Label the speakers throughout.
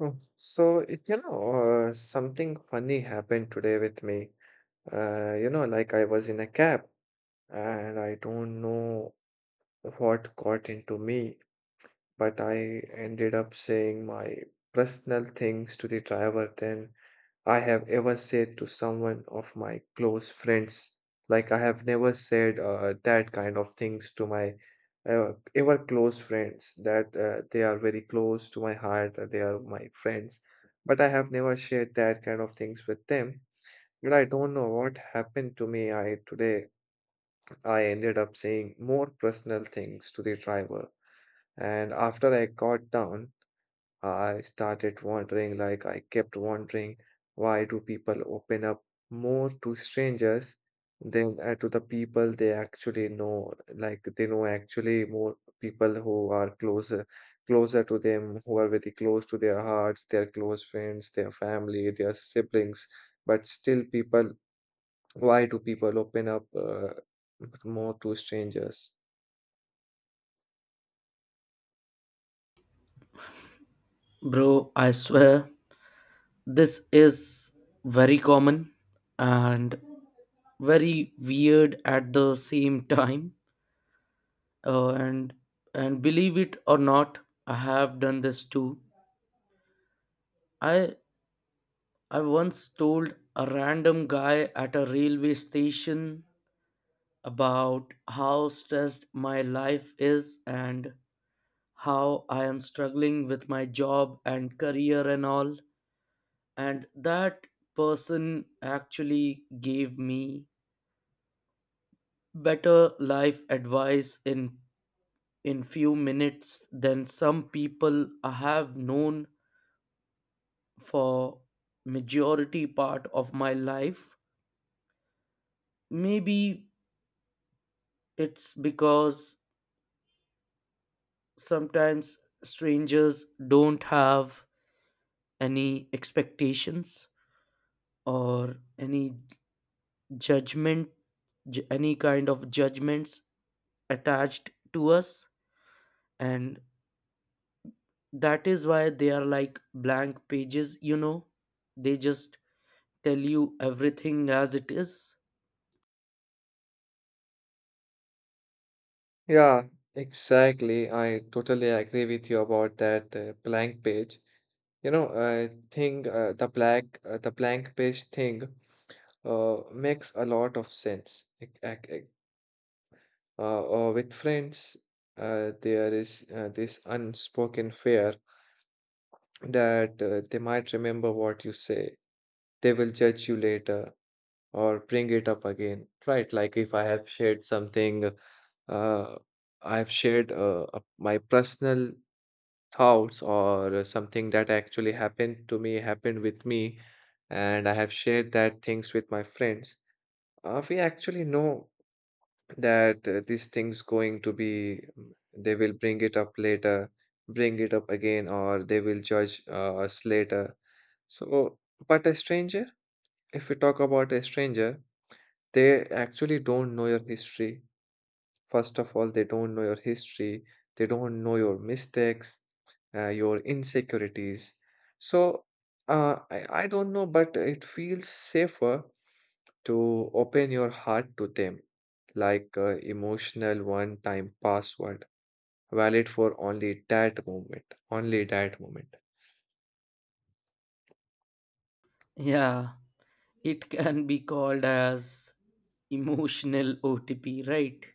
Speaker 1: Oh, So, it- you know, Something funny happened today with me. Like I was in a cab and I don't know what got into me but I ended up saying my personal things to the driver than I have ever said to someone of my close friends. Like I have never said that kind of things to my ever close friends that they are very close to my heart, that they are my friends. But I have never shared that kind of things with them. But I don't know what happened to me. I today I ended up saying more personal things to the driver. And after I got down, I started wondering, like, I kept wondering, why do people open up more to strangers than to the people they actually know? Like, they know actually more people who are closer, closer to them, who are very close to their hearts, their close friends, their family, their siblings. But still, people, why do people open up more to strangers?
Speaker 2: Bro, I swear this is very common and very weird at the same time. Uh, and and believe it or not, I have done this too. I I once told a random guy at a railway station about how stressed my life is and how I am struggling with my job and career and all. And that person actually gave me better life advice in few minutes than some people I have known for majority part of my life. Maybe it's because sometimes strangers don't have any expectations or any judgment any kind of judgments attached to us, and that is why they are like blank pages. They just tell you everything as it is.
Speaker 1: Yeah, exactly. I totally agree with you about that blank page. You know, I think the blank page thing makes a lot of sense. With friends, there is this unspoken fear that they might remember what you say. They will judge you later or bring it up again, right? Like if I have shared something, uh, I've shared my personal thoughts or something that actually happened to me, happened with me, and I have shared that things with my friends, we actually know that these things going to be, they will bring it up later, bring it up again, or they will judge us later. So, but a stranger, if we talk about a stranger, they actually don't know your history. First of all, they don't know your history, they don't know your mistakes, your insecurities. So I don't know, but it feels safer to open your heart to them, like a emotional one-time password, valid for only that moment, only that moment.
Speaker 2: Yeah, it can be called as emotional OTP, right?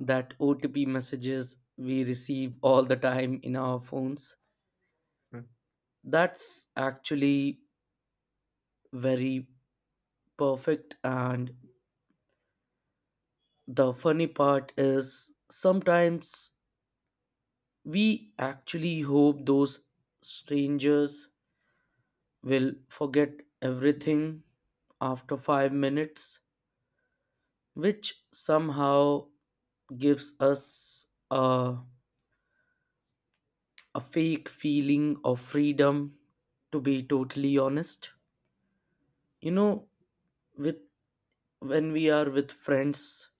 Speaker 2: That OTP messages we receive all the time in our phones,
Speaker 1: Mm.
Speaker 2: that's actually very perfect. And the funny part is, sometimes we actually hope those strangers will forget everything after 5 minutes, which somehow gives us a fake feeling of freedom, to be totally honest. You know, with when we are with friends,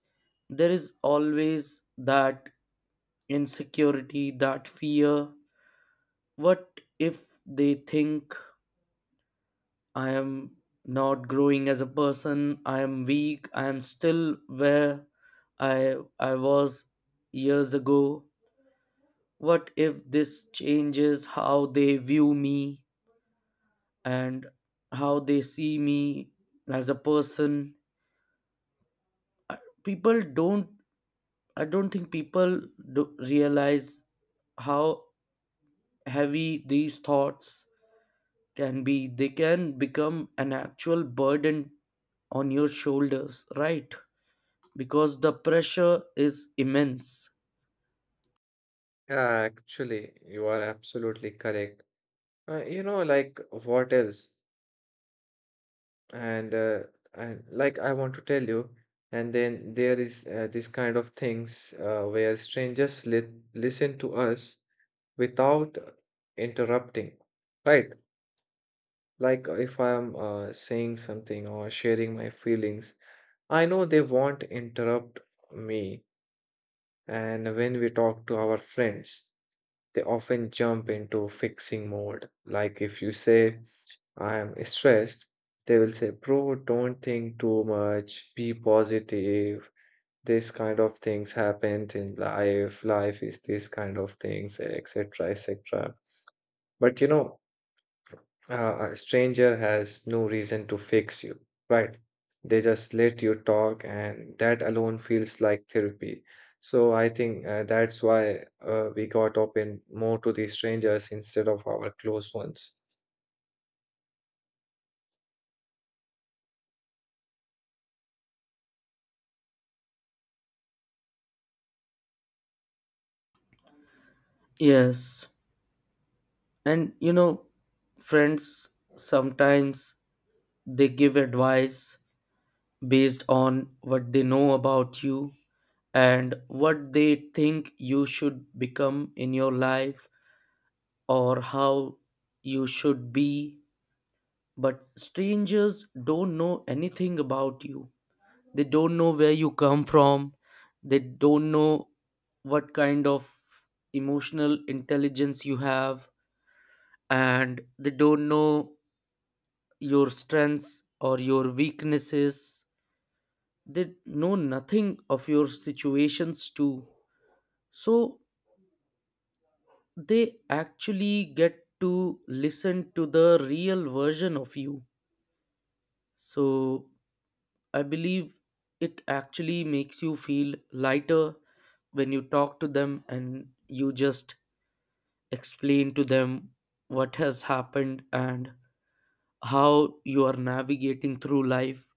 Speaker 2: there is always that insecurity, that fear. What if they think I am not growing as a person? I am weak. I am still where I was years ago. What if this changes how they view me and how they see me as a person? I- People don't I don't think people do realize how heavy these thoughts can be. They can become an actual burden on your shoulders, right? Because the pressure is immense.
Speaker 1: Yeah, actually, you are absolutely correct. You know, like what else? And uh, and like I want to tell you, and then there is this kind of things where strangers li listen to us without interrupting, right? Like if I'm saying something or sharing my feelings, I know they won't interrupt me. And when we talk to our friends, they often jump into fixing mode. Like if you say, I am stressed, they will say, Bro, don't think too much, be positive. This kind of things happens in life. Life is this kind of things, etc., etc. But you know, a stranger has no reason to fix you, right? They just let you talk, and that alone feels like therapy. So I think that's why we got open more to the strangers instead of our close ones.
Speaker 2: Yes. And you know, friends sometimes they give advice based on what they know about you and what they think you should become in your life, or how you should be. But strangers don't know anything about you. They don't know where you come from, they don't know what kind of emotional intelligence you have, and they don't know your strengths or your weaknesses. They know nothing of your situations too. So they actually get to listen to the real version of you. So I believe it actually makes you feel lighter when you talk to them, and you just explain to them what has happened and how you are navigating through life.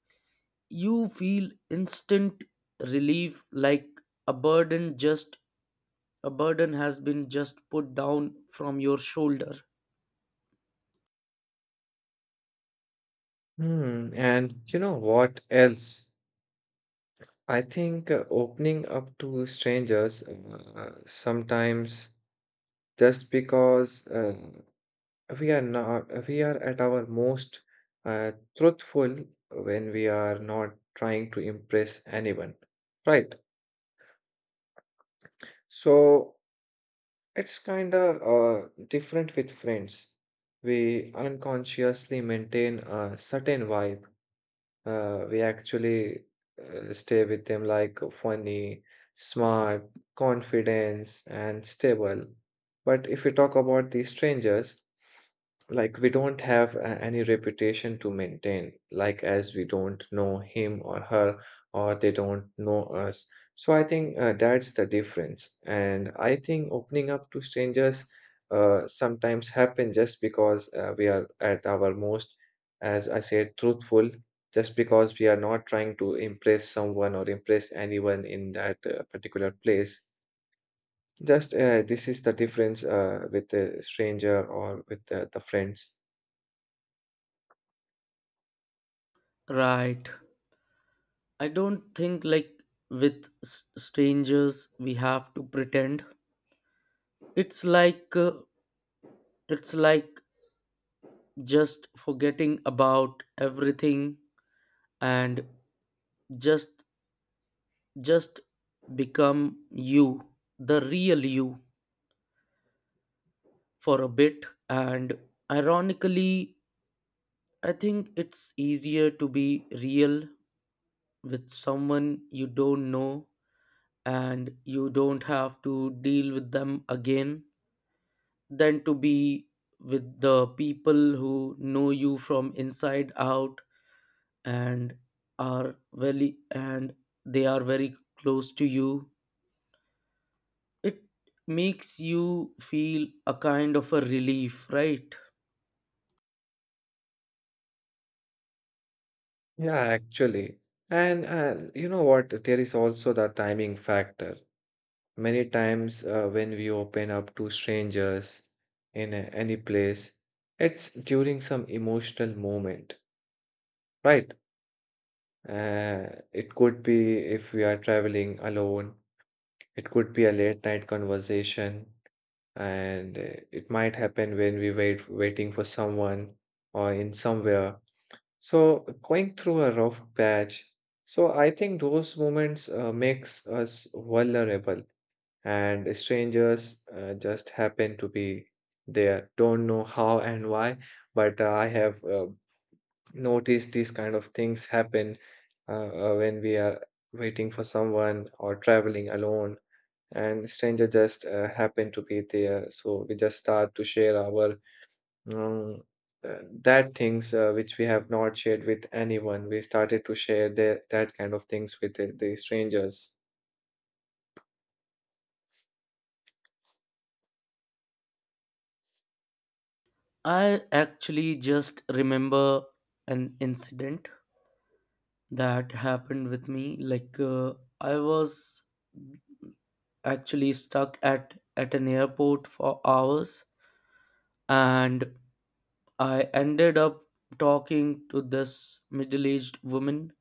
Speaker 2: You feel instant relief, like a burden just a burden has been just put down from your shoulder.
Speaker 1: Hmm, and you know what else? I think opening up to strangers sometimes just because we are not we are at our most truthful when we are not trying to impress anyone, right? So it's kind of different with friends. We unconsciously maintain a certain vibe. We actually stay with them like funny, smart, confidence, and stable. But if we talk about these strangers, like we don't have any reputation to maintain, like as we don't know him or her, or they don't know us. So I think that's the difference. And I think opening up to strangers sometimes happen just because we are at our most, as I said, truthful just because we are not trying to impress someone or impress anyone in that particular place. Just this is the difference with a stranger or with the friends.
Speaker 2: Right. I don't think like with strangers we have to pretend. It's like uh, It's like just forgetting about everything and just just become you, the real you for a bit. And ironically, I think it's easier to be real with someone you don't know and you don't have to deal with them again, than to be with the people who know you from inside out and are very and they are very close to you. It makes you feel a kind of a relief, right?
Speaker 1: Yeah, actually. And you know what? There is also the timing factor. Many times when we open up to strangers in any place, it's during some emotional moment, right? It could be if we are traveling alone. It could be a late night conversation, and it might happen when we waiting for someone or in somewhere. So going through a rough patch. So I think those moments makes us vulnerable, and strangers just happen to be there. Don't know how and why, but I have noticed these kind of things happen when we are waiting for someone or traveling alone and stranger just happened to be there so we just start to share our um, that things which we have not shared with anyone. We started to share that kind of things with the strangers.
Speaker 2: I actually just remember an incident that happened with me. I was actually stuck at an airport for hours, and I ended up talking to this middle aged woman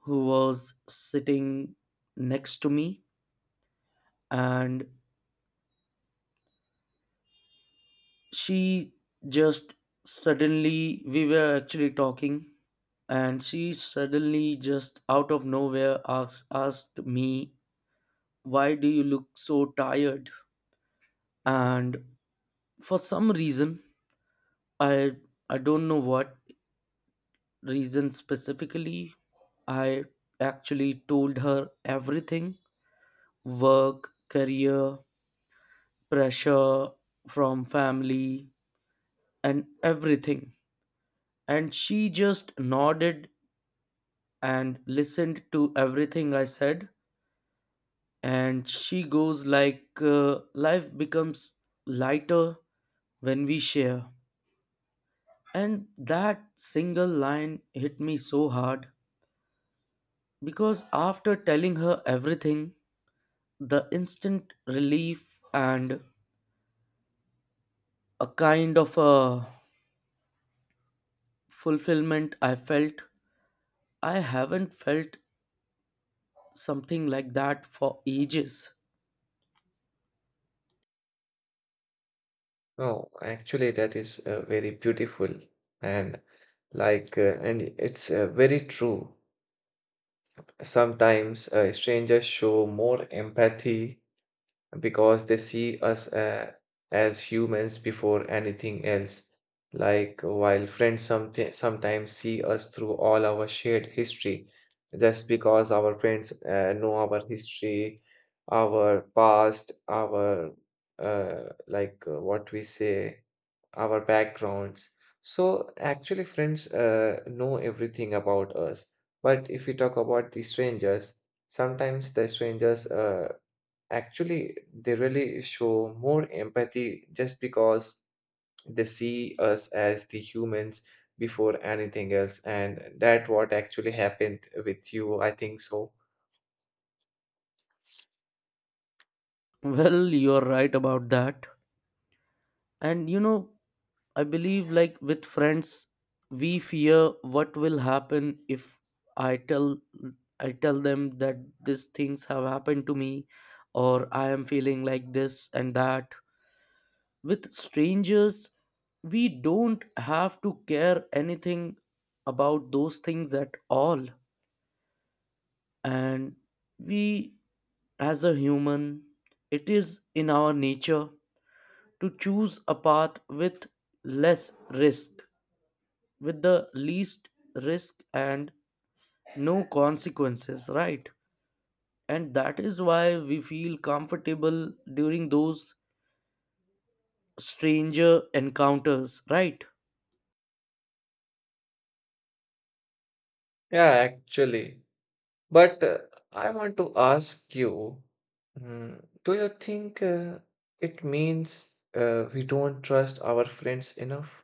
Speaker 2: who was sitting next to me. And she just we were actually talking, and she suddenly, just out of nowhere, asked me, why do you look so tired? And for some reason, I, I don't know what reason specifically, I actually told her everything. Work, career, pressure from family, and everything. And she just nodded and listened to everything I said. And she goes like, life becomes lighter when we share. And that single line hit me so hard, because after telling her everything, the instant relief and a kind of a fulfillment I felt, I haven't felt something like that for ages.
Speaker 1: Oh actually that is very beautiful, and and it's very true. Sometimes strangers show more empathy because they see us as humans before anything else. Like while friends sometimes see us through all our shared history, just because our friends know our history, our past, our what we say, our backgrounds. So actually, friends know everything about us. But if we talk about the strangers, sometimes the strangers actually, they really show more empathy just because they see us as the humans before anything else, and that what actually happened with you, I think so.
Speaker 2: Well, you're right about that. And you know, I believe like with friends, we fear what will happen if I tell I tell them that these things have happened to me, or I am feeling like this and that. With strangers, we don't have to care anything about those things at all. And we, as a human, it is in our nature to choose a path with less risk with the least risk and no consequences, right? And that is why we feel comfortable during those stranger encounters, right?
Speaker 1: Yeah, actually. But I want to ask you, do you think it means we don't trust our friends enough?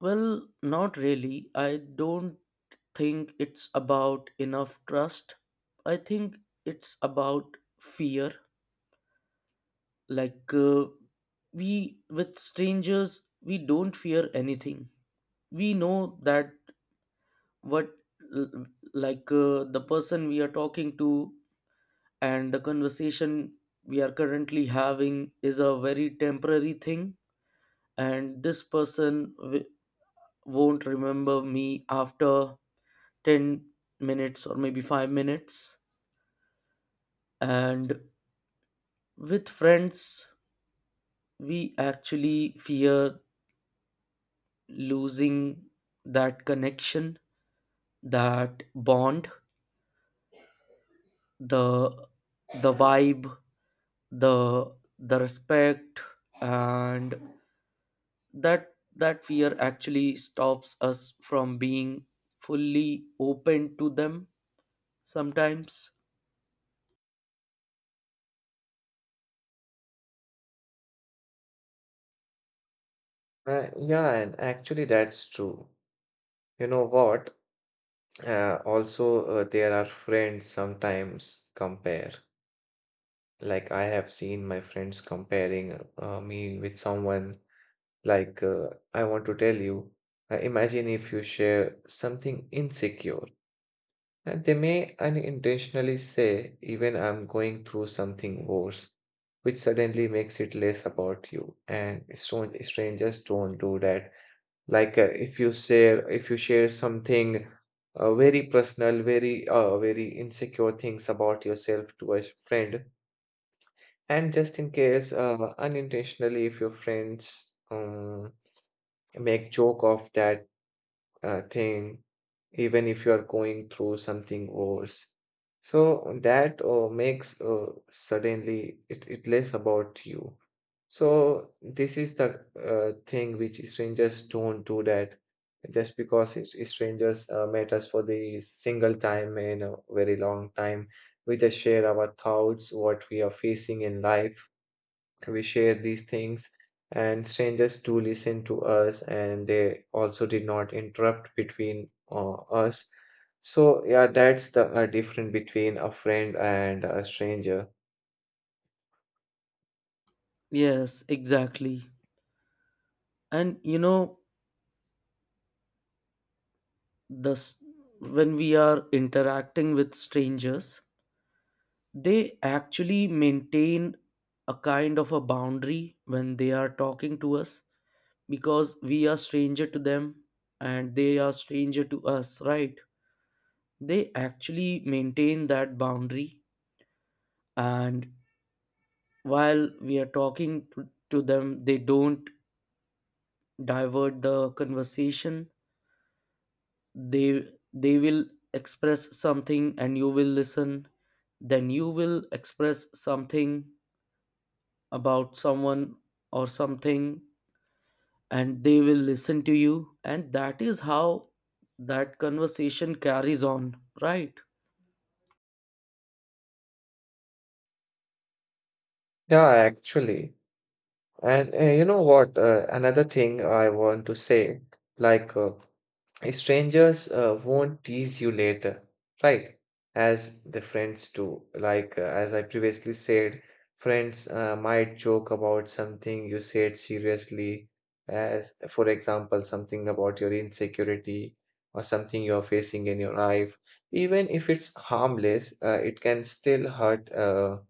Speaker 2: Well, not really. I don't think it's about enough trust. I think it's about fear. like uh, we with strangers we don't fear anything. We know that what l- the person we are talking to and the conversation we are currently having is a very temporary thing, and this won't remember me after 10 minutes, or maybe 5 minutes. And with friends, we actually fear losing that connection, that bond, the the vibe, the the respect. And that fear actually stops us from being fully open to them sometimes.
Speaker 1: Yeah, and actually that's true. You know what? There are friends sometimes compare. Like I have seen my friends comparing me with someone. Like I want to tell you, imagine if you share something insecure, and they may unintentionally say, even I'm going through something worse, which suddenly makes it less about you. And strangers don't do that. Like if you share something very personal very very insecure things about yourself to a friend, and just in case unintentionally if your friends make joke of that thing, even if you are going through something worse, so that makes suddenly it less about you. So this is the thing which strangers don't do that just because it's strangers met us for the single time in a very long time. We just share our thoughts, what we are facing in life. We share these things, and strangers do listen to us, and they also did not interrupt between us. So yeah, that's the difference between a friend and a stranger.
Speaker 2: Yes, exactly. And you know, this when we are interacting with strangers, they actually maintain a kind of a boundary when they are talking to us, because we are stranger to them and they are stranger to us, right? They actually maintain that boundary. And while we are talking to them, they don't divert the conversation. they they will express something and you will listen, then you will express something about someone or something, and they will listen to you. And that is how that conversation carries on, right?
Speaker 1: Yeah, actually. And you know what? Another thing I want to say, like strangers won't tease you later, right? As the friends do. Like as I previously said, friends might joke about something you said seriously, as for example, something about your insecurity or something you're facing in your life. Even if it's harmless, it can still hurt. Uh,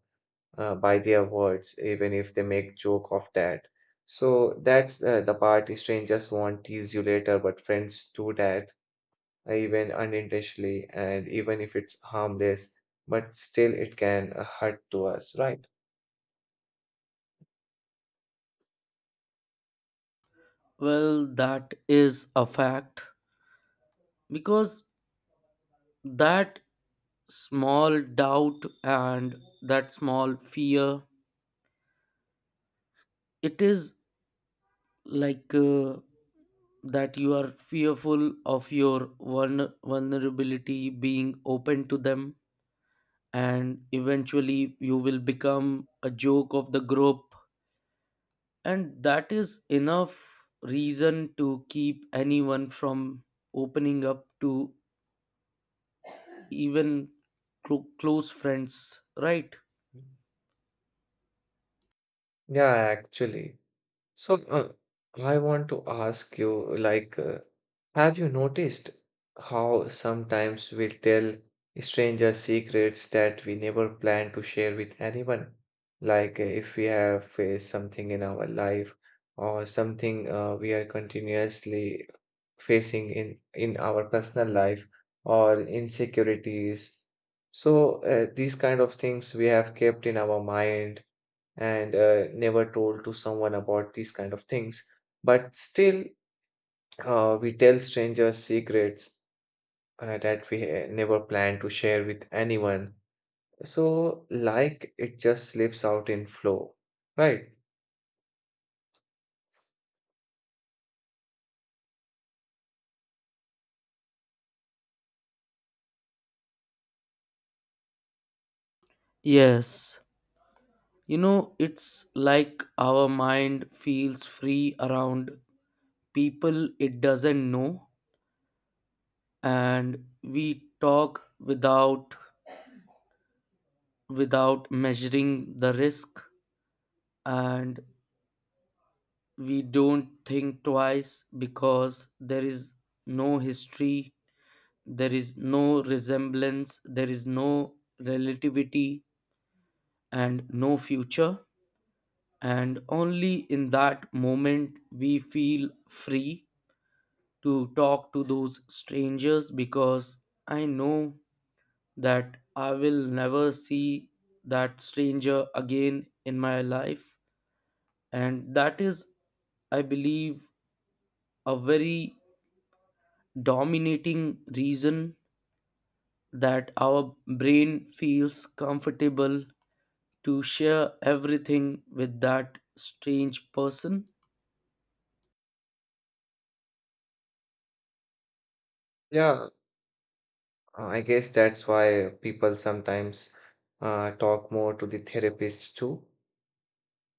Speaker 1: uh, By their words, even if they make joke of that. So that's the part strangers won't tease you later, but friends do that even unintentionally, and even if it's harmless, but still it can hurt to us, right?
Speaker 2: Well, that is a fact. Because that small doubt and that small fear, it is like uh, that you are fearful of your vulnerability being open to them, and eventually you will become a joke of the group. And that is enough reason to keep anyone from opening up to even close friends, right?
Speaker 1: Yeah, actually. So, I want to ask you, like, have you noticed how sometimes we tell stranger secrets that we never plan to share with anyone? Like, if we have faced something in our life or something we are continuously facing in our personal life or insecurities. So, these kind of things we have kept in our mind and never told to someone about these kind of things. But still, we tell strangers secrets that we never plan to share with anyone. So, like, it just slips out in flow, right?
Speaker 2: Yes. You know, it's like our mind feels free around people it doesn't know, and we talk without measuring the risk. And we don't think twice because there is no history, there is no resemblance, there is no relativity, and no future. And only in that moment we feel free to talk to those strangers, because I know that I will never see that stranger again in my life. And that is, I believe, a very dominating reason that our brain feels comfortable to share everything with that strange person.
Speaker 1: Yeah, I guess that's why people sometimes talk more to the therapist too.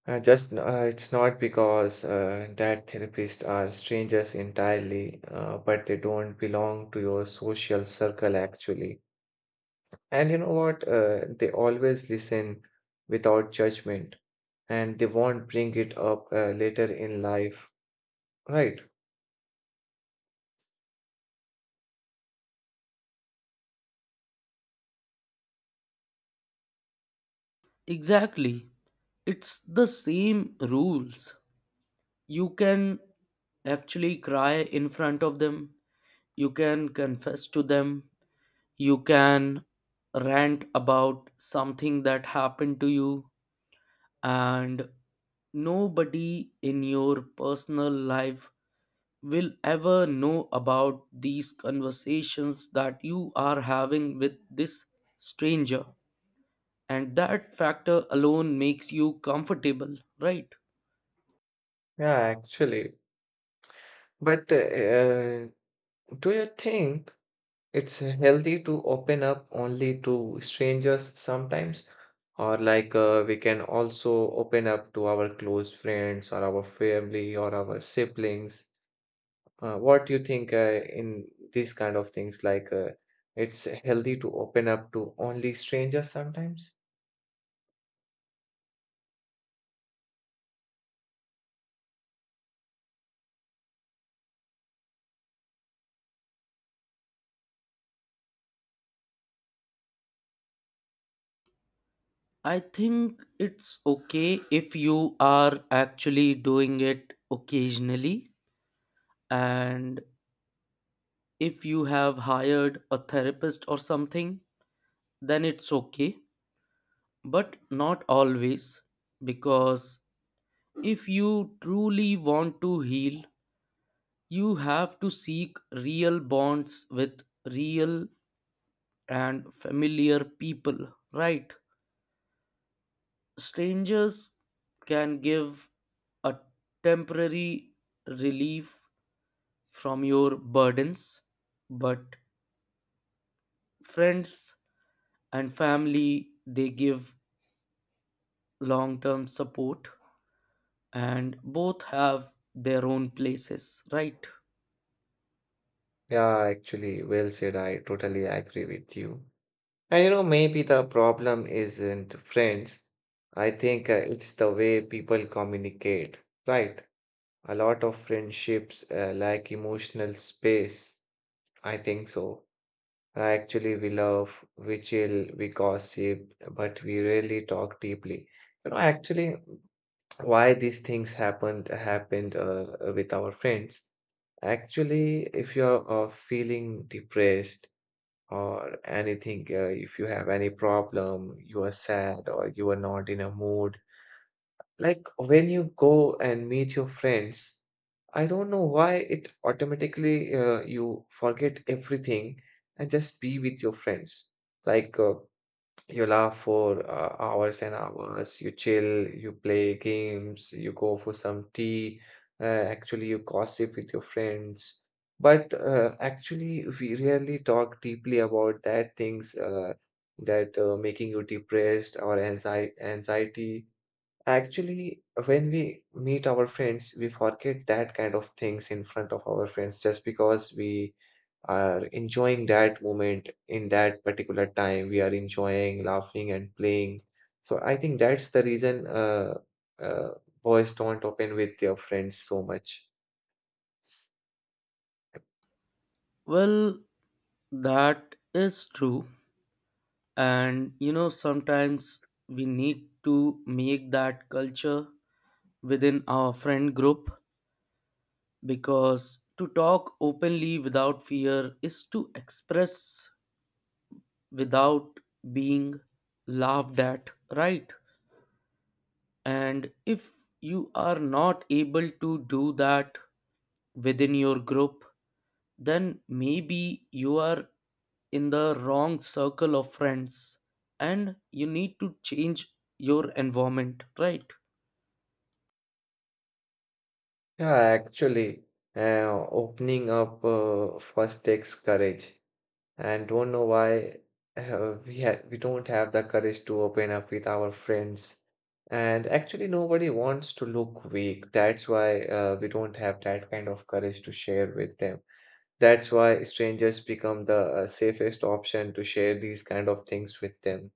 Speaker 1: Just it's not because that therapists are strangers entirely, but they don't belong to your social circle actually. And you know what? They always listen without judgment and they won't bring it up later in life. Right.
Speaker 2: Exactly. It's the same rules. You can actually cry in front of them, you can confess to them, you can rant about something that happened to you, and nobody in your personal life will ever know about these conversations that you are having with this stranger. And that factor alone makes you comfortable, right?
Speaker 1: Yeah, actually. But uh, do you think it's healthy to open up only to strangers sometimes? Or like we can also open up to our close friends or our family or our siblings? What do you think in these kind of things? Like, it's healthy to open up to only strangers sometimes?
Speaker 2: I think it's okay if you are actually doing it occasionally, and if you have hired a therapist or something, then it's okay. But not always. Because if you truly want to heal, you have to seek real bonds with real and familiar people, right? Strangers can give a temporary relief from your burdens, but friends and family, they give long term support. And both have their own places, right?
Speaker 1: Yeah, actually, well said. I totally agree with you. And you know, maybe the problem isn't friends. I think it's the way people communicate, right? A lot of friendships lack emotional space. I think so. Actually, we love, we chill, we gossip, but we rarely talk deeply. You know, actually, why these things happened with our friends. Actually if you're feeling depressed or anything, if you have any problem, you are sad or you are not in a mood, like when you go and meet your friends, I don't know why it automatically you forget everything and just be with your friends. Like you laugh for hours and hours, you chill, you play games, you go for some tea, actually, you gossip with your friends. But actually, we rarely talk deeply about that things that making you depressed or anxiety. Actually, when we meet our friends, we forget that kind of things in front of our friends just because we are enjoying that moment in that particular time. We are enjoying, laughing, and playing. So I think that's the reason uh, boys don't open with their friends so much.
Speaker 2: Well, that is true. And you know, sometimes we need to make that culture within our friend group, because to talk openly without fear is to express without being laughed at, right? And if you are not able to do that within your group, then maybe you are in the wrong circle of friends and you need to change your environment, right?
Speaker 1: Yeah, actually, opening up first takes courage, and don't know why we don't have the courage to open up with our friends. And actually, nobody wants to look weak. That's why we don't have that kind of courage to share with them. That's why strangers become the safest option to share these kind of things with them.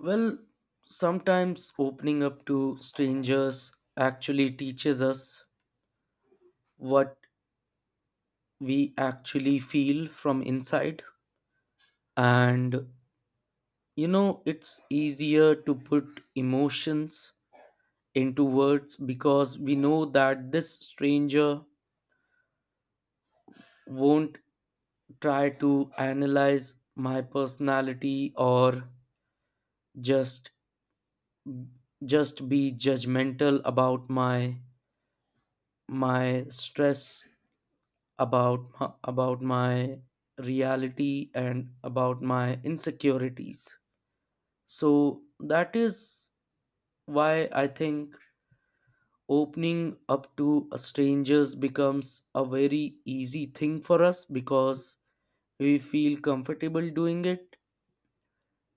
Speaker 2: Well, sometimes opening up to strangers actually teaches us what we actually feel from inside. And you know, it's easier to put emotions into words, because we know that this stranger won't try to analyze my personality, or just just be judgmental about my my stress, about my reality and about my insecurities. So that is why I think opening up to a strangers becomes a very easy thing for us, because we feel comfortable doing it,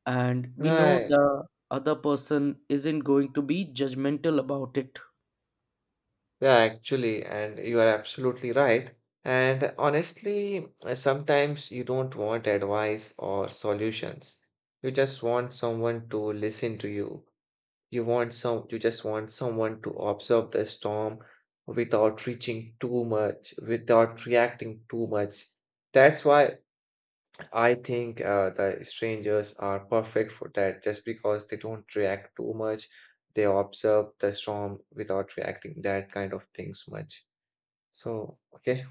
Speaker 2: and we know
Speaker 1: Right.
Speaker 2: the other person isn't going to be judgmental about it.
Speaker 1: Yeah, actually, and you are absolutely right. And honestly, sometimes you don't want advice or solutions. You just want someone to listen to you. You just want someone to observe the storm without reaching too much, without reacting too much. That's why I think the strangers are perfect for that just because they don't react too much. They observe the storm without reacting that kind of things much. So, okay.